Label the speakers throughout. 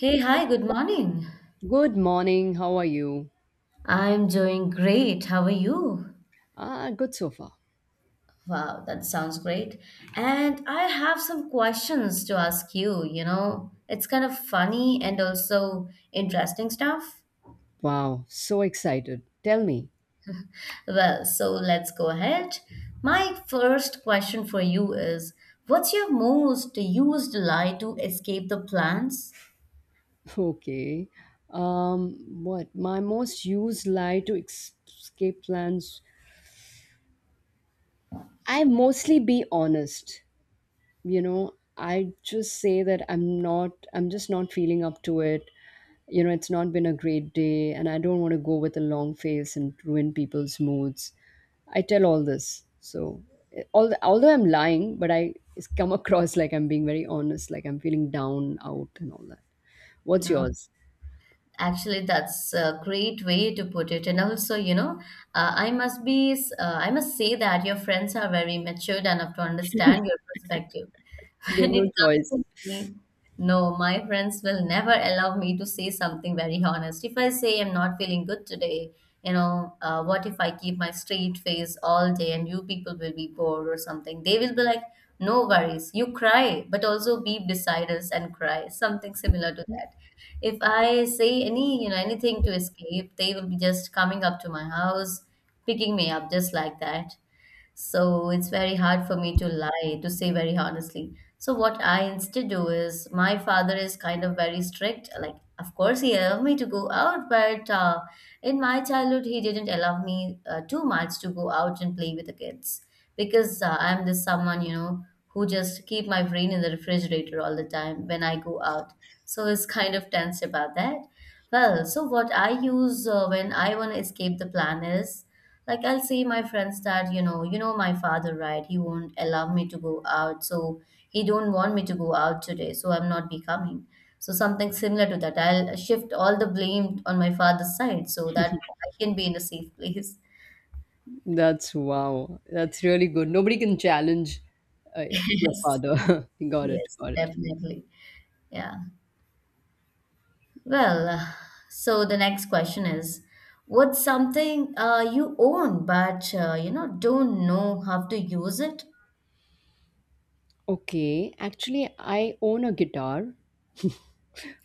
Speaker 1: Hey, hi, good morning.
Speaker 2: Good morning. How are you?
Speaker 1: I'm doing great. How are you?
Speaker 2: Ah, good so far.
Speaker 1: Wow, that sounds great. And I have some questions to ask you, you know. It's kind of funny and also interesting stuff.
Speaker 2: Wow, so excited. Tell me.
Speaker 1: So let's go ahead. My first question for you is, what's your most used lie to escape the plans?
Speaker 2: Okay. What my most used lie to escape plans? I mostly be honest. You know, I just say that I'm just not feeling up to it. You know, it's not been a great day and I don't want to go with a long face and ruin people's moods. I tell all this so although I'm lying, but I it's come across like I'm being very honest, like I'm feeling down out and all that. What's yours?
Speaker 1: Actually, that's a great way to put it. And also, I must be, I must say that your friends are very matured enough to understand your perspective.
Speaker 2: They have
Speaker 1: When it
Speaker 2: no
Speaker 1: comes
Speaker 2: choice.
Speaker 1: to me, no, my friends will never allow me to say something very honest. If I say I'm not feeling good today, what if I keep my straight face all day and you people will be bored or something? They will be like, no worries, you cry, but also be beside us and cry, something similar to that if I say any, anything to escape, they will be just coming up to my house, picking me up just like that. So it's very hard for me to lie, to say very honestly. So what I instead do is my father is kind of very strict. Like, of course, he allowed me to go out, but in my childhood, he didn't allow me too much to go out and play with the kids because I'm this someone, who just keep my brain in the refrigerator all the time when I go out. So he's kind of tense about that. Well, so what I use when I want to escape the plan is like I'll say my friends that, you know my father, right? He won't allow me to go out, so he don't want me to go out today, so I'm not be coming. So something similar to that. I'll shift all the blame on my father's side so that I can be in a safe place.
Speaker 2: That's wow, that's really good. Nobody can challenge uh, your
Speaker 1: Yes,
Speaker 2: father. got it
Speaker 1: yes,
Speaker 2: got it
Speaker 1: definitely. Yeah. Well, uh, so the next question is, what's something you own but don't know how to use it?
Speaker 2: Okay, actually, I own a guitar,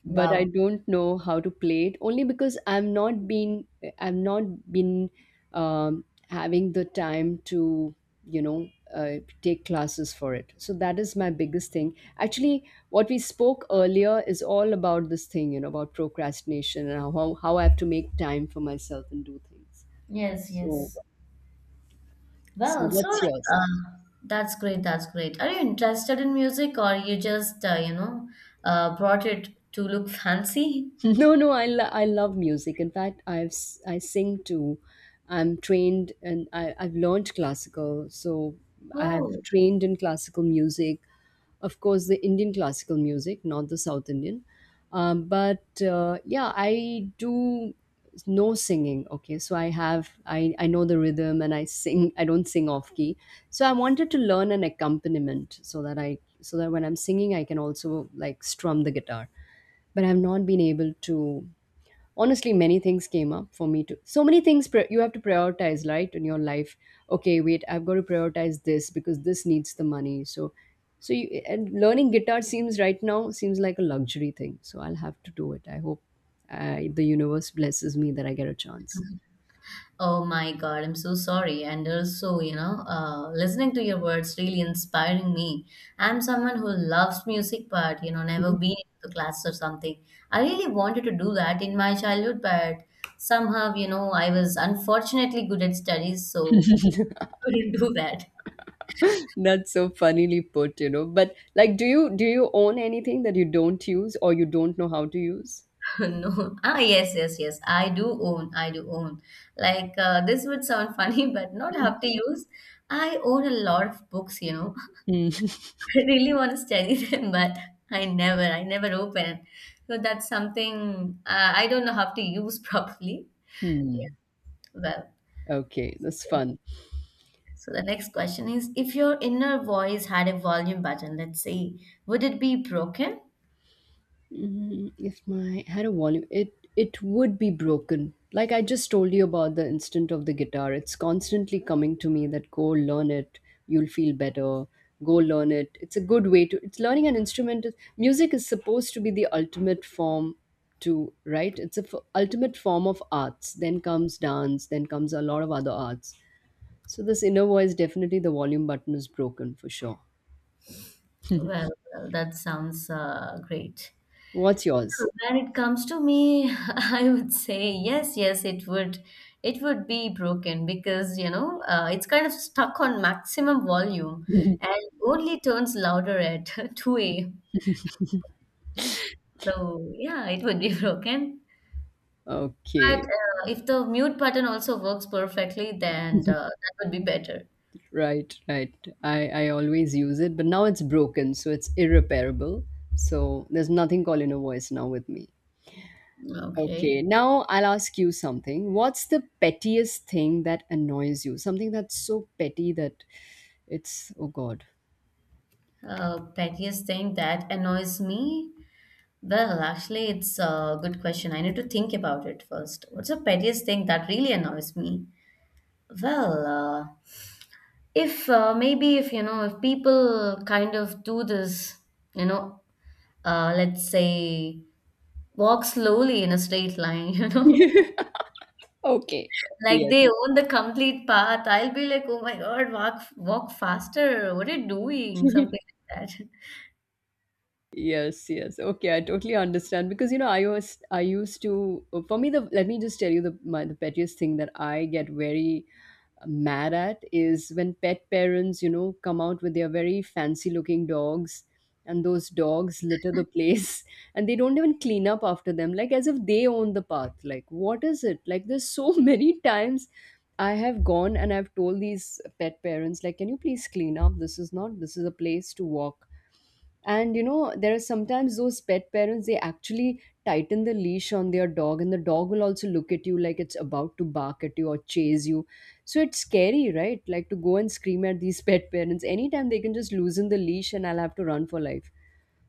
Speaker 2: but I
Speaker 1: Wow.
Speaker 2: don't know how to play it only because I've not been, I've not been having the time to, you know, take classes for it. So that is my biggest thing. Actually, what we spoke earlier is all about this thing, you know, about procrastination and how I have to make time for myself and do things.
Speaker 1: Yes,
Speaker 2: So
Speaker 1: yes.
Speaker 2: so
Speaker 1: Well, so like,
Speaker 2: what's yours?
Speaker 1: uh, that's great. That's great. Are you interested in music, or you just brought it to look fancy?
Speaker 2: No, no, I love music. In fact, I sing too. I'm trained and I've learned classical. So
Speaker 1: Oh,
Speaker 2: I've trained in classical music. Of course, the Indian classical music, not the South Indian. But Yeah, I do no singing. Okay, so I know the rhythm and I sing. I don't sing off key. So I wanted to learn an accompaniment so that when I'm singing, I can also like strum the guitar, but I've not been able to. Honestly, many things came up for me to. So many you have to prioritize, right, in your life. Okay, wait, I've got to prioritize this because this needs the money. So, so you, and learning guitar seems right now seems like a luxury thing. So I'll have to do it. I hope the universe blesses me that I get a chance.
Speaker 1: oh my God! I'm so sorry. And also, listening to your words really inspiring me. I'm someone who loves music, but you know, never been to class or something. I really wanted to do that in my childhood, but somehow, you know, I was unfortunately good at studies, so couldn't do that.
Speaker 2: That's so funnily put, you know. But like, do you own anything that you don't use or you don't know how to use?
Speaker 1: No. Ah, yes, yes, yes. I do own. This would sound funny, but not have to use. I own a lot of books, you know.
Speaker 2: Hmm.
Speaker 1: I really want to study them, but I never open. So that's something I don't know how to use properly.
Speaker 2: Hmm.
Speaker 1: Well,
Speaker 2: Okay, that's fun.
Speaker 1: so the next question is, if your inner voice had a volume button, let's say, would it be broken?
Speaker 2: Mm, if my had a volume, it would be broken. Like I just told you about the instant of the guitar. It's constantly coming to me that go learn it. You'll feel better. Go learn it. It's a good way to. It's learning an instrument. Music is supposed to be the ultimate form to, right. It's a ultimate form of arts. Then comes dance. Then comes a lot of other arts. So this inner voice, definitely the volume button is broken for sure.
Speaker 1: Well, that sounds great.
Speaker 2: What's yours?
Speaker 1: When it comes to me, I would say yes, it would be broken because it's kind of stuck on maximum volume and only turns louder at 2 a.m. So yeah, it would be broken. But
Speaker 2: Okay.
Speaker 1: uh, if the mute button also works perfectly, then that would be better.
Speaker 2: Right, right. I always use it, but now it's broken, so it's irreparable. So there's nothing called inner voice now with me.
Speaker 1: Okay.
Speaker 2: Okay, now I'll ask you something. What's the pettiest thing that annoys you? Something that's so petty that it's, oh God.
Speaker 1: Pettiest thing that annoys me? Well, actually, it's a good question. I need to think about it first. What's the pettiest thing that really annoys me? Well, if Maybe if you know, if people kind of do this, you know, let's say walk slowly in a straight line, you know,
Speaker 2: Okay,
Speaker 1: like
Speaker 2: yes.
Speaker 1: they own the complete path, I'll be like, oh my God, walk faster. What are you doing? Something like that.
Speaker 2: Yes, yes. Okay, I totally understand because, you know, I was I used to, for me the, let me just tell you the my, the pettiest thing that I get very mad at is when pet parents, you know, come out with their very fancy looking dogs, and those dogs litter the place and they don't even clean up after them, like as if they own the path. Like, what is it? Like, there's so many times I have gone and I've told these pet parents, like, can you please clean up? This is not, this is a place to walk. And you know, there are sometimes those pet parents, they actually tighten the leash on their dog and the dog will also look at you like it's about to bark at you or chase you. So it's scary, right, like to go and scream at these pet parents. Anytime they can just loosen the leash and I'll have to run for life.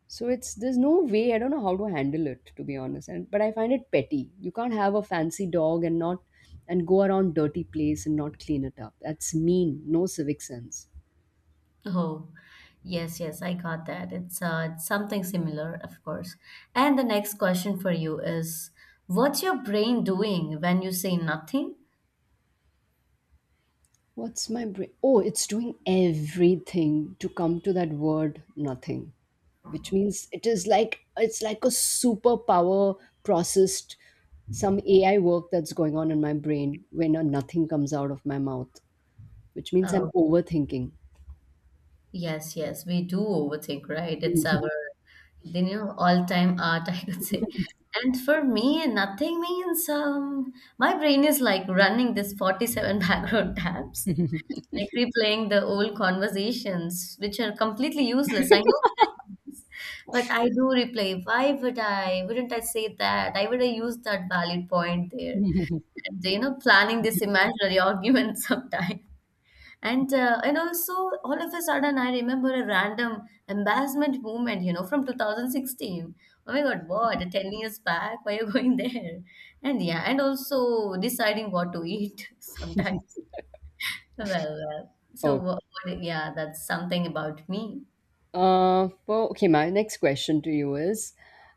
Speaker 2: So it's, there's no way, I don't know how to handle it, to be honest. And but I find it petty. You can't have a fancy dog and not, and go around dirty place and not clean it up. That's mean, no civic sense.
Speaker 1: Oh, yes, yes, I got that. It's something similar, of course. And the next question for you is, what's your brain doing when you say nothing?
Speaker 2: What's my brain? Oh, it's doing everything to come to that word nothing, which means it is like, it's like a superpower processed some AI work that's going on in my brain when a nothing comes out of my mouth, which means I'm
Speaker 1: Oh,
Speaker 2: overthinking.
Speaker 1: yes, yes, we do overthink, right? It's our, you know, All-time art, I could say. And for me, nothing means my brain is like running this 47 background tabs, like replaying the old conversations, which are completely useless. I know, this, but I do replay. Why would I? Wouldn't I say that? I would I use that valid point there? And you know, planning this imaginary argument sometimes. And also all of a sudden I remember a random embarrassment moment, you know, from 2016. Oh my God, what? 10 years back? Why are you going there? And yeah, and also deciding what to eat sometimes. Well, uh,
Speaker 2: Oh,
Speaker 1: yeah, that's something about me.
Speaker 2: well, okay. My next question to you is,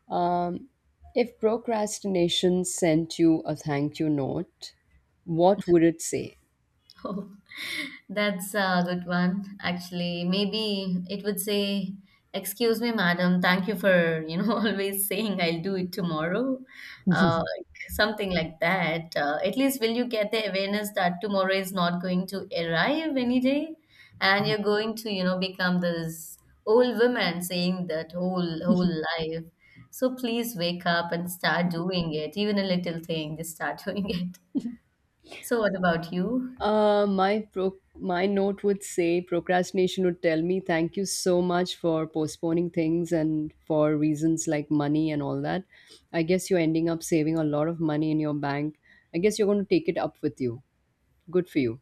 Speaker 2: um, if procrastination sent you a thank you note, what would it say?
Speaker 1: That's a good one, actually. Maybe it would say, "Excuse me, madam. Thank you for, you know, always saying I'll do it tomorrow." Uh, Something like that. At least will you get the awareness that tomorrow is not going to arrive any day, and you're going to, you know, become this old woman saying that whole life. So please wake up and start doing it. Even a little thing, just start doing it. So what about you?
Speaker 2: My note would say procrastination would tell me thank you so much for postponing things and for reasons like money and all that. I guess you're ending up saving a lot of money in your bank. I guess you're going to take it up with you. Good for you.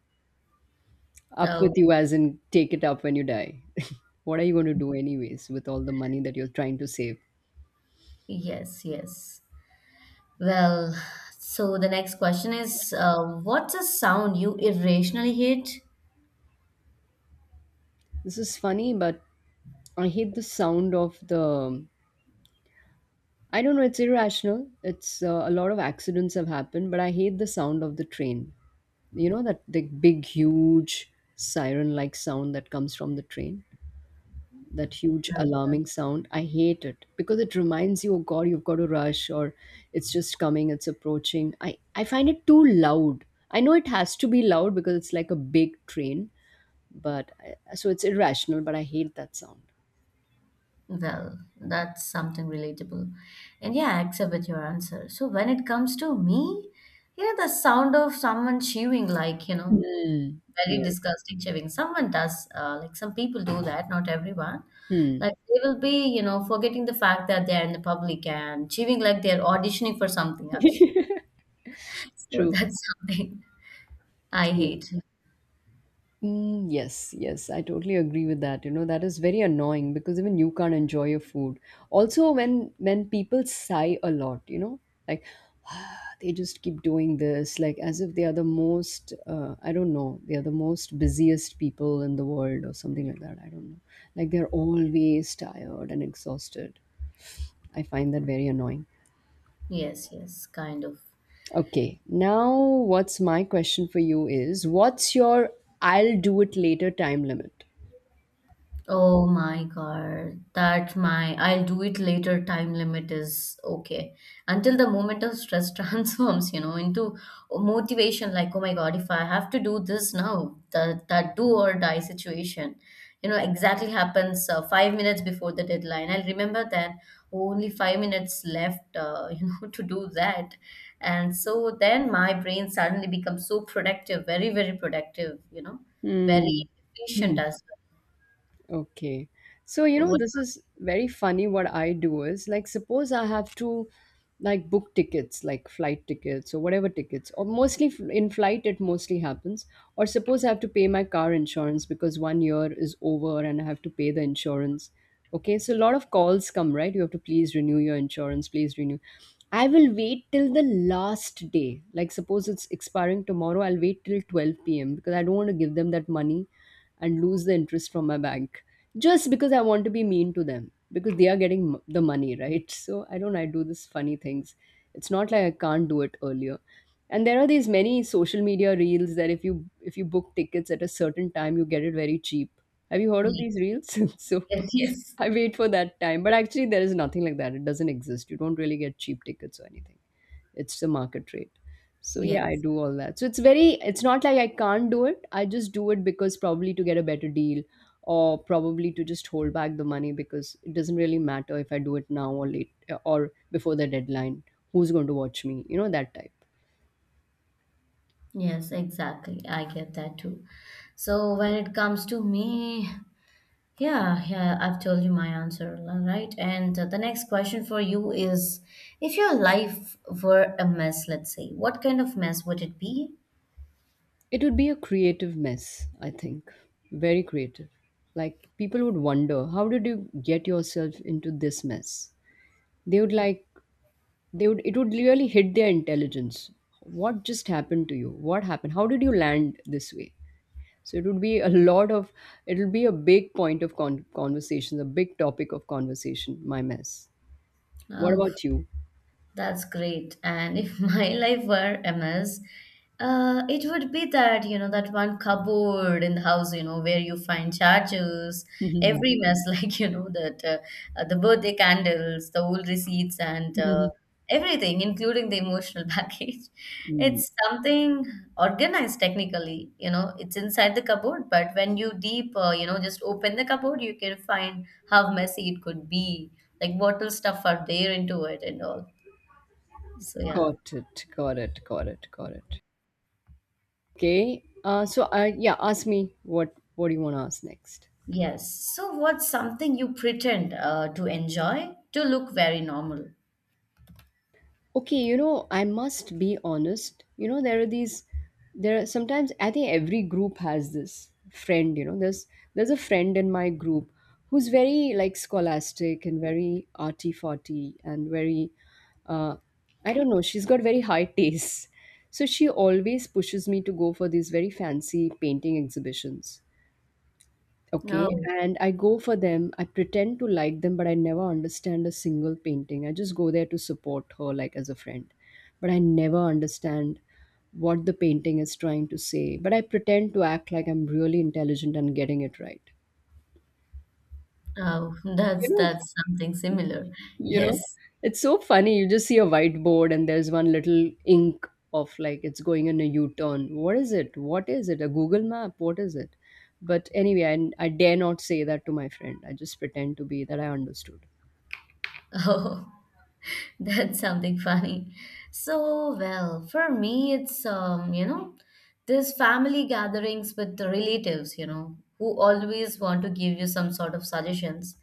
Speaker 2: Up
Speaker 1: Oh,
Speaker 2: with you, as in take it up when you die. What are you going to do anyways with all the money that you're trying to save?
Speaker 1: yes, yes. Well, so the next question is what's a sound you irrationally hate?
Speaker 2: This is funny, but I hate the sound of the. I don't know. It's irrational. It's A lot of accidents have happened, but I hate the sound of the train. You know that the big huge siren like sound that comes from the train, that huge alarming sound, I hate it because it reminds you, oh God, you've got to rush, or it's just coming, it's approaching. I find it too loud. I know it has to be loud because it's like a big train. But I, so it's irrational, but I hate that sound.
Speaker 1: Well, that's something relatable. And yeah, I accept with your answer. So when it comes to me, you know, the sound of someone chewing,
Speaker 2: Hmm.
Speaker 1: very
Speaker 2: Yes.
Speaker 1: disgusting chewing. Like some people do that, not everyone.
Speaker 2: Hmm.
Speaker 1: Like they will be, you know, forgetting the fact that they're in the public and chewing like they're auditioning for something, actually. So
Speaker 2: True.
Speaker 1: that's something I
Speaker 2: True.
Speaker 1: hate.
Speaker 2: Mm, yes, yes, I totally agree with that. You know, that is very annoying because even you can't enjoy your food. Also, when people sigh a lot, you know, like they just keep doing this, like as if they are the most, I don't know, they are the most busiest people in the world or something like that. I don't know. Like they're always tired and exhausted. I find that very annoying.
Speaker 1: Yes, yes, kind of.
Speaker 2: Okay, now what's my question for you is, what's your I'll do it later time limit?
Speaker 1: Oh my God, that my I'll do it later time limit is okay. Until the moment of stress transforms, you know, into motivation like, oh my God, if I have to do this now, that do or die situation, you know, exactly happens 5 minutes before the deadline. I'll remember that only 5 minutes left, you know, to do that. And so then my brain suddenly becomes so productive, very, very productive, you know, very
Speaker 2: Hmm.
Speaker 1: efficient as well.
Speaker 2: Okay. So, you
Speaker 1: So
Speaker 2: know,
Speaker 1: what
Speaker 2: this is very funny. What I do is like, suppose I have to like book tickets, like flight tickets or whatever tickets, or mostly in flight, it mostly happens. Or suppose I have to pay my car insurance because 1 year is over and I have to pay the insurance. Okay. So, a lot of calls come, right? You have to please renew your insurance, please renew. I will wait till the last day. Like, suppose it's expiring tomorrow, I'll wait till 12 p.m. because I don't want to give them that money and lose the interest from my bank, just because I want to be mean to them because they are getting the money, right? So I don't I do this funny things. It's not like I can't do it earlier. And there are these many social media reels that if you book tickets at a certain time, you get it very cheap. Have you heard of
Speaker 1: Yes,
Speaker 2: these reels? So
Speaker 1: yes,
Speaker 2: I wait for that time, but actually there is nothing like that. It doesn't exist. You don't really get cheap tickets or anything. It's the market rate. So yeah, I
Speaker 1: yes,
Speaker 2: do all that. So it's very, it's not like I can't do it. I just do it because probably to get a better deal, or probably to just hold back the money, because it doesn't really matter if I do it now or late or before the deadline. Who's going to watch me, you know, that type.
Speaker 1: yes, exactly. I get that too. So when it comes to me, yeah, yeah, I've told you my answer, all right? And The next question for you is, if your life were a mess, let's say, what kind of mess would it be?
Speaker 2: It would be a creative mess, I think. Very creative. Like people would wonder, how did you get yourself into this mess? They would like, they would, it would really hit their intelligence. What just happened to you? What happened? How did you land this way? So it would be a lot of, it'll be a big point of conversation, a big topic of conversation, my mess. What
Speaker 1: Oh.
Speaker 2: about you?
Speaker 1: That's great. And if my life were a mess, it would be that, you know, that one cupboard in the house, you know, where you find chargers, every mess, like, you know, that the birthday candles, the old receipts, and everything, including the emotional package.
Speaker 2: Mm.
Speaker 1: It's something organized technically, you know, it's inside the cupboard, but when you just open the cupboard, you can find how messy it could be, like bottle stuff are there into it and all. So yeah,
Speaker 2: Got it, got it, got it, got it. Okay, so yeah, ask me what do you want to ask next?
Speaker 1: yes. So what's something you pretend to enjoy to look very normal?
Speaker 2: Okay, you know, I must be honest. You know, there are sometimes, I think every group has this friend, you know. There's a friend in my group who's very like scholastic and very arty farty and very uh I don't know, she's got very high tastes. So she always pushes me to go for these very fancy painting exhibitions. Okay,
Speaker 1: No,
Speaker 2: and I go for them. I pretend to like them, but I never understand a single painting. I just go there to support her, like as a friend. But I never understand what the painting is trying to say. But I pretend to act like I'm really intelligent and getting it right.
Speaker 1: oh,
Speaker 2: You
Speaker 1: that's
Speaker 2: know,
Speaker 1: that's something similar.
Speaker 2: you
Speaker 1: Yes.
Speaker 2: know, it's so funny. You just see a whiteboard and there's one little ink of like it's going in a U-turn. What is it? What is it? A Google map? What is it? But anyway, I dare not say that to my friend. I just pretend to be that I understood.
Speaker 1: Oh. That's something funny. So, well, for me, this family gatherings with the relatives, you know, who always want to give you some sort of suggestions.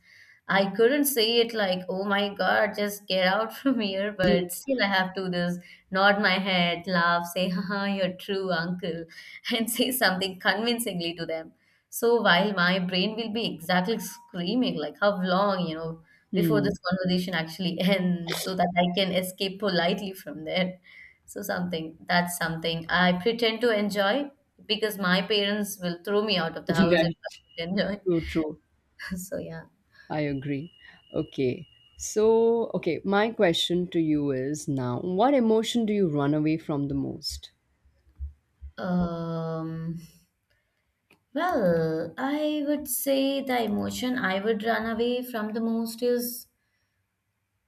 Speaker 1: I couldn't say it like, oh my God, just get out from here,
Speaker 2: Hmm.
Speaker 1: but still I have to just nod my head, laugh, say, haha, you're true, uncle, and say something convincingly to them. So while my brain will be exactly screaming, like, how long, you know, before this conversation actually ends so that I can escape politely from there. So something I pretend to enjoy because my parents will throw me out of the house if
Speaker 2: Right.
Speaker 1: I don't enjoy.
Speaker 2: True, true.
Speaker 1: So yeah.
Speaker 2: I agree. Okay. So, okay, my question to you is now, what emotion do you run away from the most?
Speaker 1: Um, well, I would say the emotion I would run away from the most is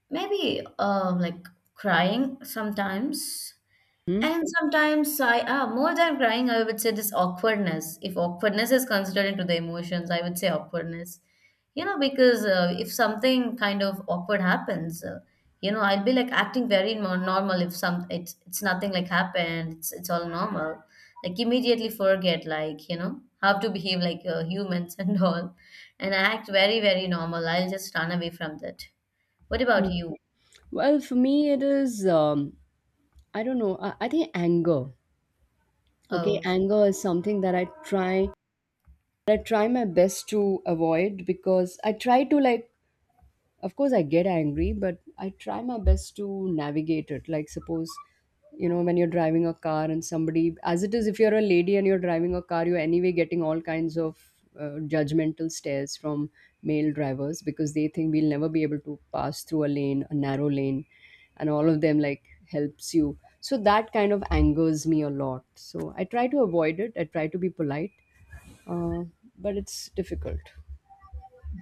Speaker 1: maybe crying sometimes.
Speaker 2: Hmm?
Speaker 1: And sometimes more than crying, I would say this awkwardness. If awkwardness is considered into the emotions, I would say awkwardness. You know, because if something kind of awkward happens, I'll be like acting very normal. If some, it's nothing like happened. It's all normal. Like immediately forget, like you know, how to behave like humans and all, and I act very very normal. I'll just run away from that. What
Speaker 2: Hmm.
Speaker 1: about you?
Speaker 2: Well, for me, it is, I don't know, I think anger. Okay,
Speaker 1: Oh,
Speaker 2: anger is something that I try my best to avoid, because I try to, like, of course I get angry, but I try my best to navigate it. Like, suppose, you know, when you're driving a car and somebody, as it is, if you're a lady and you're driving a car, you're anyway getting all kinds of judgmental stares from male drivers, because they think we'll never be able to pass through a lane, a narrow lane, and all of them like helps you. So that kind of angers me a lot, so I try to avoid it. I try to be polite, uh, but it's difficult.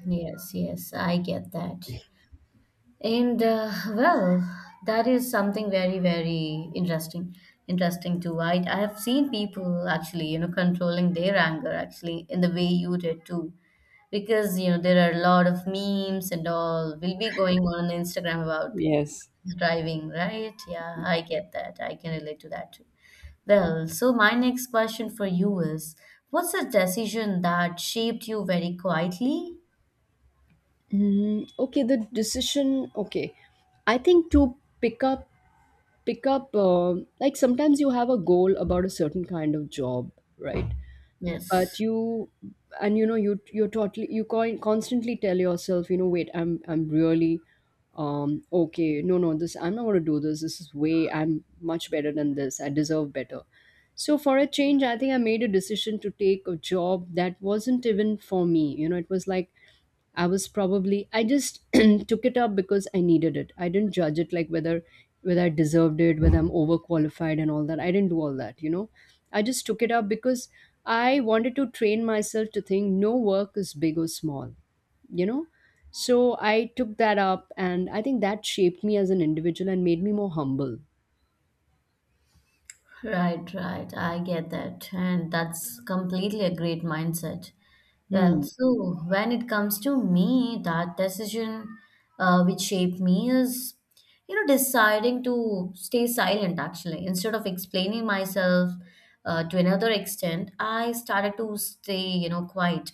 Speaker 1: yes, yes, I get that. And uh, well, that is something very, very interesting. Interesting too. I have seen people actually, you know, controlling their anger actually in the way you did too. Because, there are a lot of memes and all will be going on Instagram about
Speaker 2: Yes.
Speaker 1: driving, right? Yeah, I get that. I can relate to that too. Well, so my next question for you is, what's a decision that shaped you very quietly?
Speaker 2: Mm, okay, the decision. Okay, I think to pick up, pick up. Like sometimes you have a goal about a certain kind of job, right? But
Speaker 1: Yes.
Speaker 2: you, and you know, you're totally, you constantly tell yourself, you know, wait, I'm really, okay, no, no, this I'm not gonna do this. This is way I'm much better than this. I deserve better. So for a change, I think I made a decision to take a job that wasn't even for me. You know, it was like I was probably I just took it up because I needed it. I didn't judge it like whether I deserved it, whether I'm overqualified and all that. I didn't do all that, you know. I just took it up because I wanted to train myself to think no work is big or small, you know. So I took that up and I think that shaped me as an individual and made me more humble.
Speaker 1: Right, right. I get that. And that's completely a great mindset. Well,
Speaker 2: Hmm.
Speaker 1: so when it comes to me, that decision which shaped me is, deciding to stay silent actually. Instead of explaining myself to another extent, I started to stay, quiet.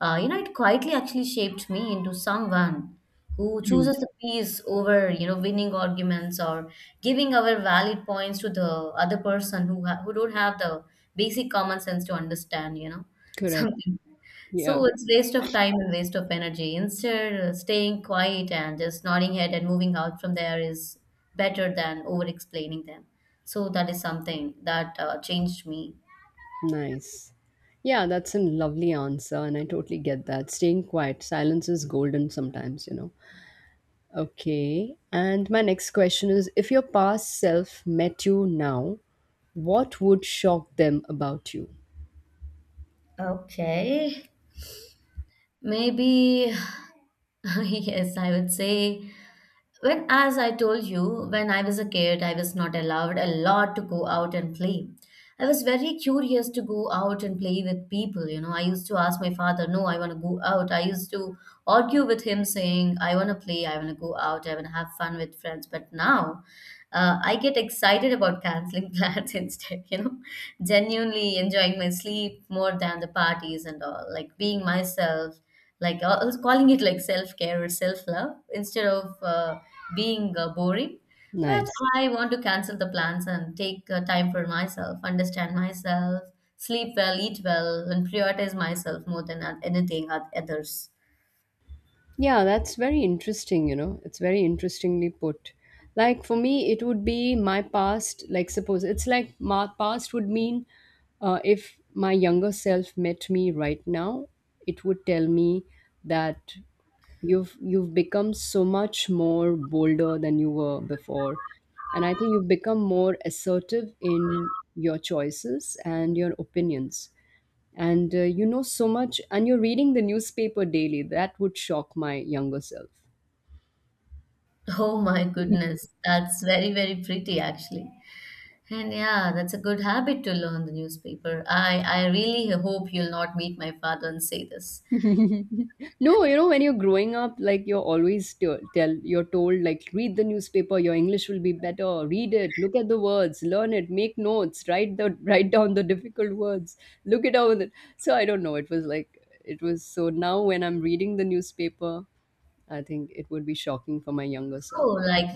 Speaker 1: It quietly actually shaped me into someone who
Speaker 2: Hmm.
Speaker 1: chooses the peace over, winning arguments or giving our valid points to the other person who don't have the basic common sense to understand,
Speaker 2: Correct.
Speaker 1: something.
Speaker 2: Yeah.
Speaker 1: So it's waste of time and waste of energy. Instead, staying quiet and just nodding head and moving out from there is better than over explaining them. So that is something that changed me.
Speaker 2: Nice. Yeah, that's a lovely answer, and I totally get that. Staying quiet, silence is golden sometimes, you know. Okay. And my next question is, if your past self met you now, what would shock them about you?
Speaker 1: Okay. Maybe, yes, I would say. When, as I told you, when I was a kid, I was not allowed a lot to go out and play. I was very curious to go out and play with people. I used to ask my father, no, I want to go out. I used to argue with him, saying, I want to play, I want to go out, I want to have fun with friends. But now, I get excited about canceling plans instead, genuinely enjoying my sleep more than the parties and all, like being myself, like I was calling it like self care or self love instead of being boring. But
Speaker 2: Nice.
Speaker 1: I want to cancel the plans and take time for myself, understand myself, sleep well, eat well, and prioritize myself more than anything at others.
Speaker 2: Yeah, that's very interesting, you know. It's very interestingly put. Like for me, it would be my past, like suppose it's like my past would mean if my younger self met me right now, it would tell me that you've become so much more bolder than you were before, and I think you've become more assertive in your choices and your opinions, and you know so much, and you're reading the newspaper daily. That would shock my younger self.
Speaker 1: Oh my goodness, that's very, very pretty actually. And yeah, that's a good habit to learn the newspaper. I really hope you'll not meet my father and say this.
Speaker 2: No, you know, when you're growing up, like you're always t- tell you're told, like, read the newspaper, your English will be better. Read it, look at the words, learn it, make notes, write the write down the difficult words, look it over. So I don't know. It was like it was so. Now when I'm reading the newspaper, I think it would be shocking for my younger self.
Speaker 1: Oh, like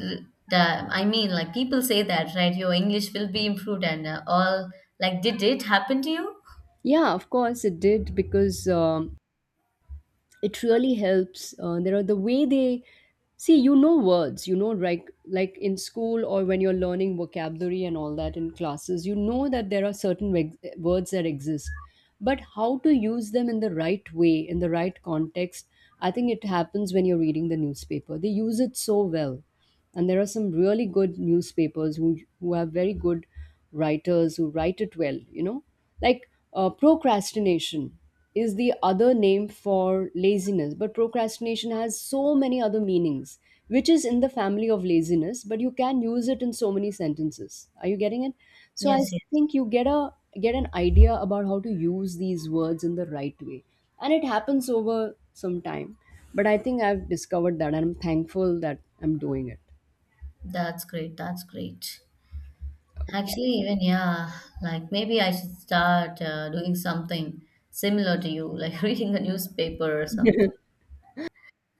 Speaker 1: the I mean, like people say that, right? Your English will be improved and all. Like, did it happen to you?
Speaker 2: Yeah, of course it did, because it really helps. There are the way they see, you know, words, you know, like in school or when you're learning vocabulary and all that in classes, you know, that there are certain words that exist, but how to use them in the right way, in the right context. I think it happens when you're reading the newspaper, they use it so well, and there are some really good newspapers who have very good writers who write it well, you know. Like, procrastination is the other name for laziness, but procrastination has so many other meanings which is in the family of laziness, but you can use it in so many sentences. Are you getting it? So I
Speaker 1: Yes, yes.
Speaker 2: think you get an idea about how to use these words in the right way, and it happens over some time. But I think I've discovered that and I'm thankful that I'm doing it.
Speaker 1: That's great. That's great. Actually,
Speaker 2: Okay.
Speaker 1: even yeah, like maybe I should start doing something similar to you, like reading a newspaper or something.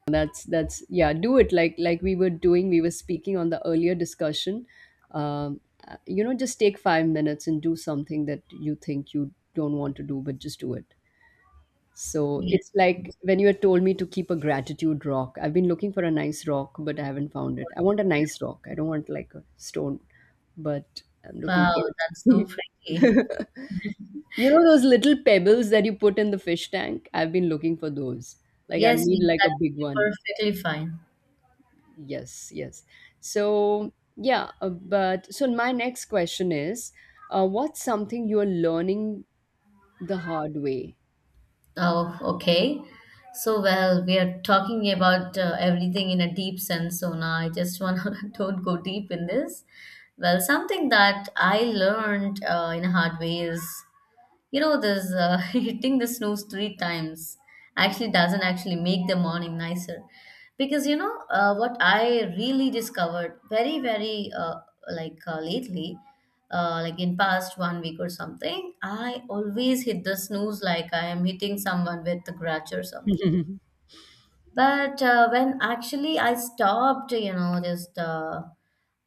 Speaker 2: That's, yeah, do it. Like we were speaking on the earlier discussion, um, you know, just take 5 minutes and do something that you think you don't want to do, but just do it. So
Speaker 1: Yes.
Speaker 2: it's like when you had told me to keep a gratitude rock, I've been looking for a nice rock but I haven't found it. I want a nice rock. I don't want like a stone, but I'm looking for
Speaker 1: Wow, that's so
Speaker 2: it.
Speaker 1: pretty.
Speaker 2: You know those little pebbles that you put in the fish tank, I've been looking for those. Like I
Speaker 1: Yes,
Speaker 2: need
Speaker 1: yes,
Speaker 2: like
Speaker 1: that
Speaker 2: a big
Speaker 1: would be
Speaker 2: one.
Speaker 1: perfectly fine.
Speaker 2: Yes, yes. So, yeah, but so my next question is, what's something you're learning the hard way?
Speaker 1: Oh, okay. So, well, we are talking about everything in a deep sense, Sona. I just want to don't go deep in this. Well, something that I learned in a hard way is, this hitting the snooze three times actually doesn't actually make the morning nicer. Because, what I really discovered very, very like lately, like in past one week or something, I always hit the snooze like I am hitting someone with the grudge or something. But when actually I stopped, just uh,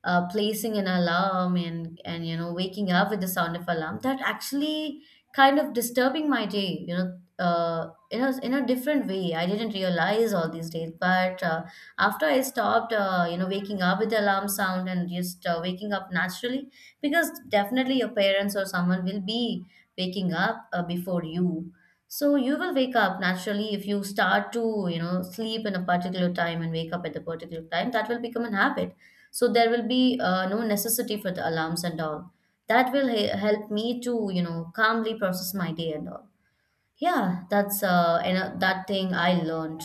Speaker 1: uh, placing an alarm and waking up with the sound of alarm, that actually kind of disturbing my day, in a different way. I didn't realize all these days, but after I stopped, waking up with the alarm sound and just waking up naturally, because definitely your parents or someone will be waking up before you, so you will wake up naturally if you start to, sleep in a particular time and wake up at a particular time, that will become an habit. So there will be no necessity for the alarms and all. That will help me to, calmly process my day and all. Yeah, that's and, that thing I learned.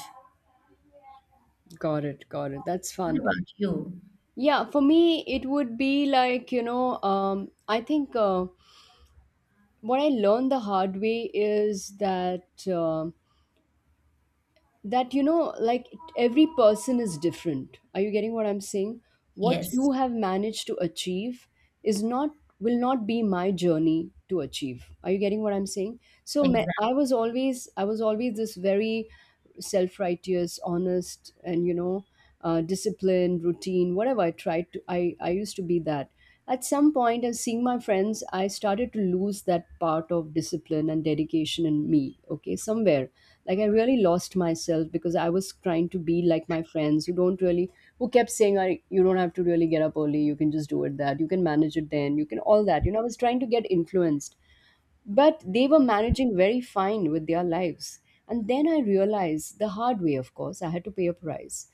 Speaker 2: Got it, got it. That's
Speaker 1: What
Speaker 2: fun.
Speaker 1: about you?
Speaker 2: Yeah, for me, it would be like, you know, I think what I learned the hard way is that, you know, like every person is different. Are you getting what I'm saying? What
Speaker 1: Yes,
Speaker 2: you have managed to achieve is not, will not be my journey to achieve. Are you getting what I'm saying? So me-
Speaker 1: exactly.
Speaker 2: i was always i was always this very self-righteous, honest, and you know, disciplined routine. Whatever I tried to, I used to be that. At some point of seeing my friends, I started to lose that part of discipline and dedication in me, okay, somewhere. Like, I really lost myself because I was trying to be like my friends who don't really, who kept saying, you don't have to really get up early, you can just do it, that you can manage it, then you can all that, you know. I was trying to get influenced, but they were managing very fine with their lives. And then I realized the hard way, of course, I had to pay a price.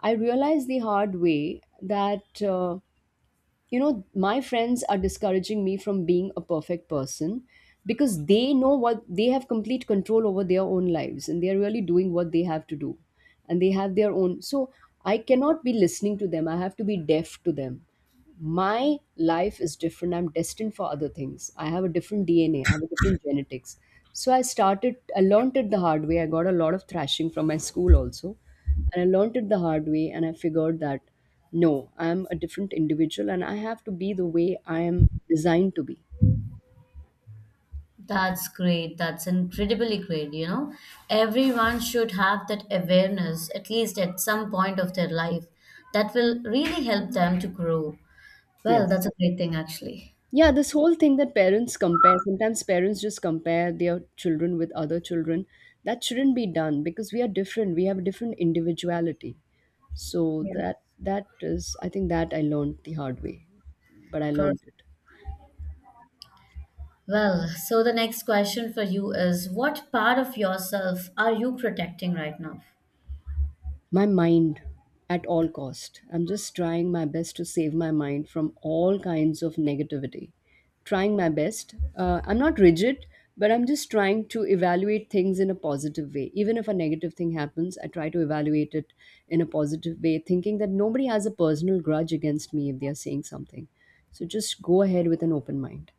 Speaker 2: I realized the hard way that you know, my friends are discouraging me from being a perfect person because they know what they have complete control over their own lives, and they are really doing what they have to do, and they have their own, so I cannot be listening to them. I have to be deaf to them. My life is different. I'm destined for other things. I have a different DNA. I have a different genetics. So I learned it the hard way. I got a lot of thrashing from my school also, and I learned it the hard way and I figured that no, I am a different individual and I have to be the way I am designed to be.
Speaker 1: That's great. That's incredibly great. Everyone should have that awareness at least at some point of their life. That will really help them to grow. Well, that's
Speaker 2: Yes.
Speaker 1: a great thing, actually.
Speaker 2: Yeah, this whole thing that parents compare, sometimes parents just compare their children with other children. That shouldn't be done because we are different. We have a different individuality. So
Speaker 1: Yeah.
Speaker 2: that is, I think, that I learned the hard way. But I learned
Speaker 1: Perfect.
Speaker 2: it.
Speaker 1: Well, so the next question for you is, what part of yourself are you protecting right now?
Speaker 2: My mind, at all cost, I'm just trying my best to save my mind from all kinds of negativity, trying my best. I'm not rigid, but I'm just trying to evaluate things in a positive way. Even if a negative thing happens, I try to evaluate it in a positive way, thinking that nobody has a personal grudge against me if they are saying something. So just go ahead with an open mind.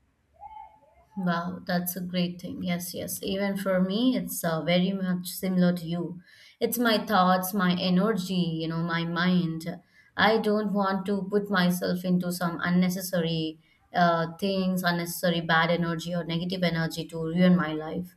Speaker 1: Wow, that's a great thing. Yes, yes. Even for me, it's very much similar to you. It's my thoughts, my energy, my mind. I don't want to put myself into some unnecessary things, unnecessary bad energy or negative energy to ruin my life.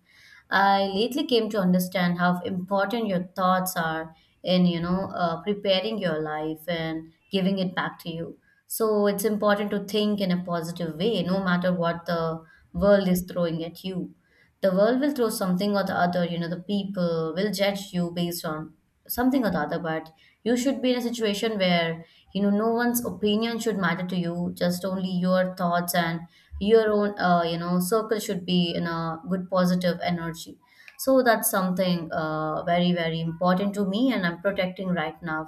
Speaker 1: I lately came to understand how important your thoughts are in, preparing your life and giving it back to you. So it's important to think in a positive way, no matter what the world is throwing at you. The world will throw something or the other. The people will judge you based on something or the other, but you should be in a situation where no one's opinion should matter to you, just only your thoughts and your own circle should be in a good positive energy. So that's something very, very important to me, and I'm protecting right now.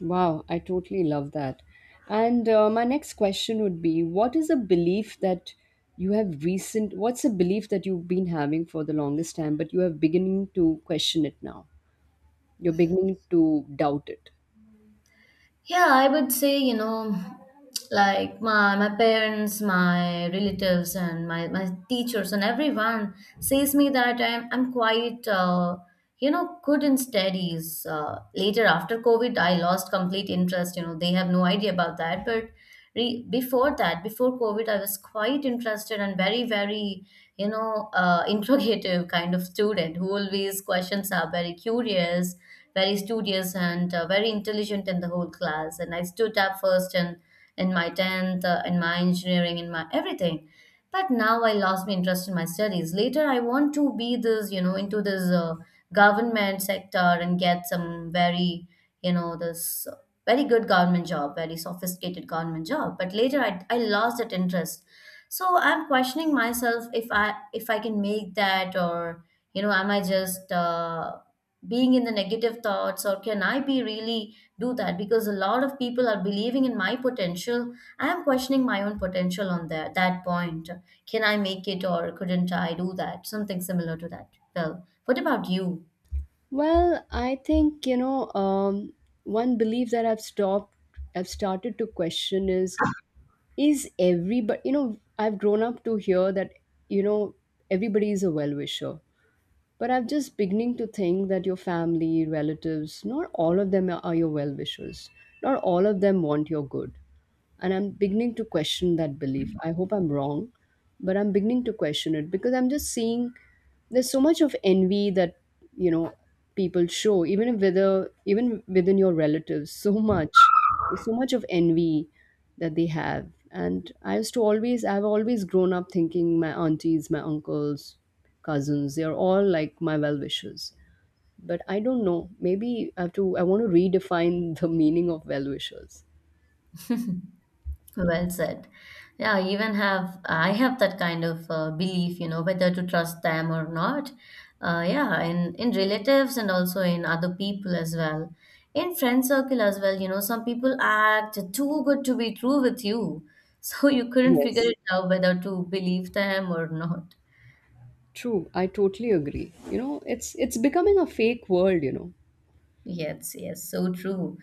Speaker 2: Wow, I totally love that. And my next question would be, what is a belief that you have recent what's a belief that you've been having for the longest time, but you have beginning to question it now. You're beginning to doubt it.
Speaker 1: Yeah, I would say, like my parents, my relatives, and my teachers, and everyone says me that I'm quite good in studies. Later after COVID, I lost complete interest. They have no idea about that. But before that, before COVID, I was quite interested and very, very interrogative kind of student who always questions, are very curious, very studious, and very intelligent in the whole class. And I stood up first in, my 10th, in my engineering, in my everything. But now I lost my interest in my studies. Later, I want to be this, into this government sector and get some very, this very good government job, very sophisticated government job. But later, I lost that interest. So I'm questioning myself if I can make that, or am I just being in the negative thoughts, or can I be really do that, because a lot of people are believing in my potential. I am questioning my own potential on that point. Can I make it or couldn't I do that, something similar to that? Well, what about you?
Speaker 2: Well, I think, you know, one belief that I've started to question is everybody, you know, I've grown up to hear that, you know, everybody is a well wisher. But I'm just beginning to think that your family, relatives, not all of them are your well wishers. Not all of them want your good. And I'm beginning to question that belief. I hope I'm wrong, but I'm beginning to question it because I'm just seeing there's so much of envy that, you know, people show, even if whether even within your relatives, so much. There's so much of envy that they have. And I've always grown up thinking my aunties, my uncles, cousins, they are all like my well wishers. But I don't know, maybe I want to redefine the meaning of well wishers.
Speaker 1: Well said. Yeah, I even have that kind of belief, whether to trust them or not. Yeah, in relatives and also in other people as well, in friend circle as well. Some people act too good to be true with you, so you couldn't figure
Speaker 2: Yes,
Speaker 1: it out whether to believe them or not.
Speaker 2: true, I totally agree, you know. It's becoming a fake world, you know.
Speaker 1: Yes, yes, so true.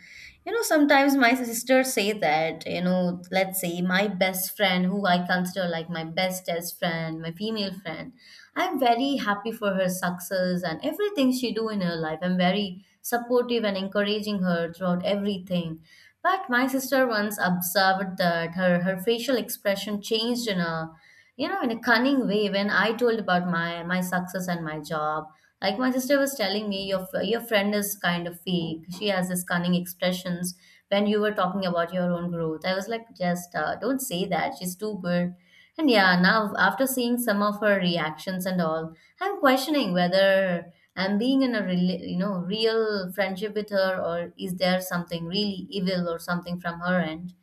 Speaker 1: Sometimes my sisters say that, let's say my best friend, who I consider like my bestest friend, my female friend, I'm very happy for her success and everything she do in her life. I'm very supportive and encouraging her throughout everything. But my sister once observed that her facial expression changed in a, cunning way when I told about my success and my job. Like my sister was telling me, your friend is kind of fake, she has this cunning expressions when you were talking about your own growth. I was like, just don't say that, she's too good. And yeah, now after seeing some of her reactions and all, I'm questioning whether I'm being in a rela you know real friendship with her, or is there something really evil or something from her end.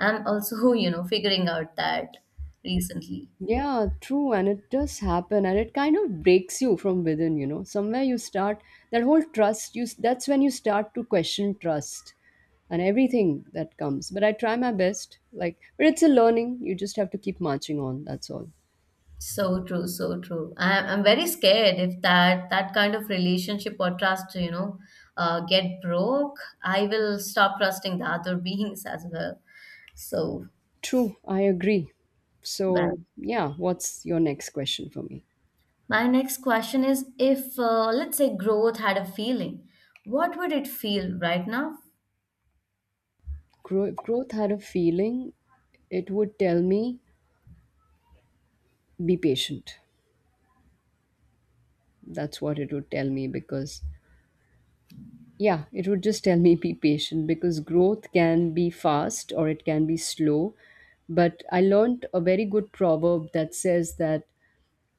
Speaker 1: I'm also figuring out that recently.
Speaker 2: Yeah, true, and it does happen, and it kind of breaks you from within, you know. Somewhere you start that whole trust, you, that's when you start to question trust and everything that comes. But I try my best, like, but it's a learning. You just have to keep marching on, that's all.
Speaker 1: So true, so true. I'm very scared if that kind of relationship or trust, get broke, I will stop trusting the other beings as well. So,
Speaker 2: True, I agree.
Speaker 1: well,
Speaker 2: So, yeah, what's your next question for me?
Speaker 1: my next question is, if let's say growth had a feeling, what would it feel right now?
Speaker 2: If growth had a feeling, it would tell me, be patient. That's what it would tell me, because, yeah, it would just tell me, be patient, because growth can be fast or it can be slow. But I learned a very good proverb that says that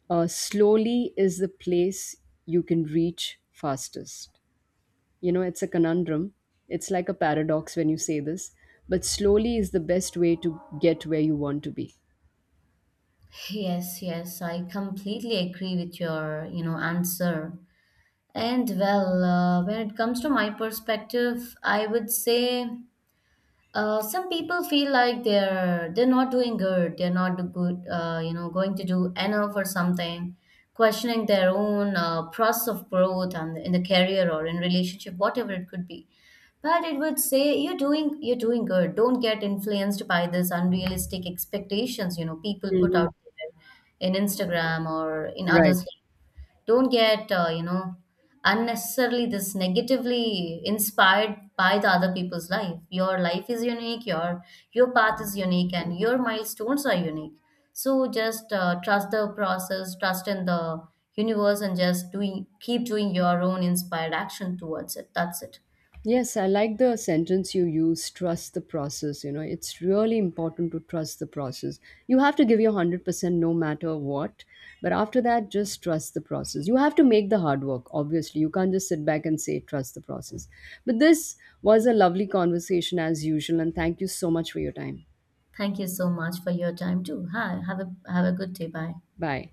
Speaker 2: slowly is the place you can reach fastest. You know, it's a conundrum. It's like a paradox when you say this, but slowly is the best way to get where you want to be.
Speaker 1: Yes, yes, I completely agree with your, answer. And well, when it comes to my perspective, I would say. Some people feel like they're not doing good. They're not good. Going to do enough or something, questioning their own process of growth and in the career or in relationship, whatever it could be. But it would say, you're doing good. Don't get influenced by this unrealistic expectations. People put
Speaker 2: Hmm.
Speaker 1: out there in Instagram or in
Speaker 2: Right.
Speaker 1: others'. Don't get unnecessarily this negatively inspired by the other people's life. Your life is unique, your path is unique, and your milestones are unique. So just trust the process, trust in the universe, and just doing keep doing your own inspired action towards it. That's it.
Speaker 2: Yes, I like the sentence you use, trust the process. You know, it's really important to trust the process. You have to give your 100% no matter what. But after that, just trust the process. You have to make the hard work, obviously. You can't just sit back and say, trust the process. But this was a lovely conversation as usual. And thank you so much for your time.
Speaker 1: Thank you so much for your time too. Hi, have a good day. Bye.
Speaker 2: Bye.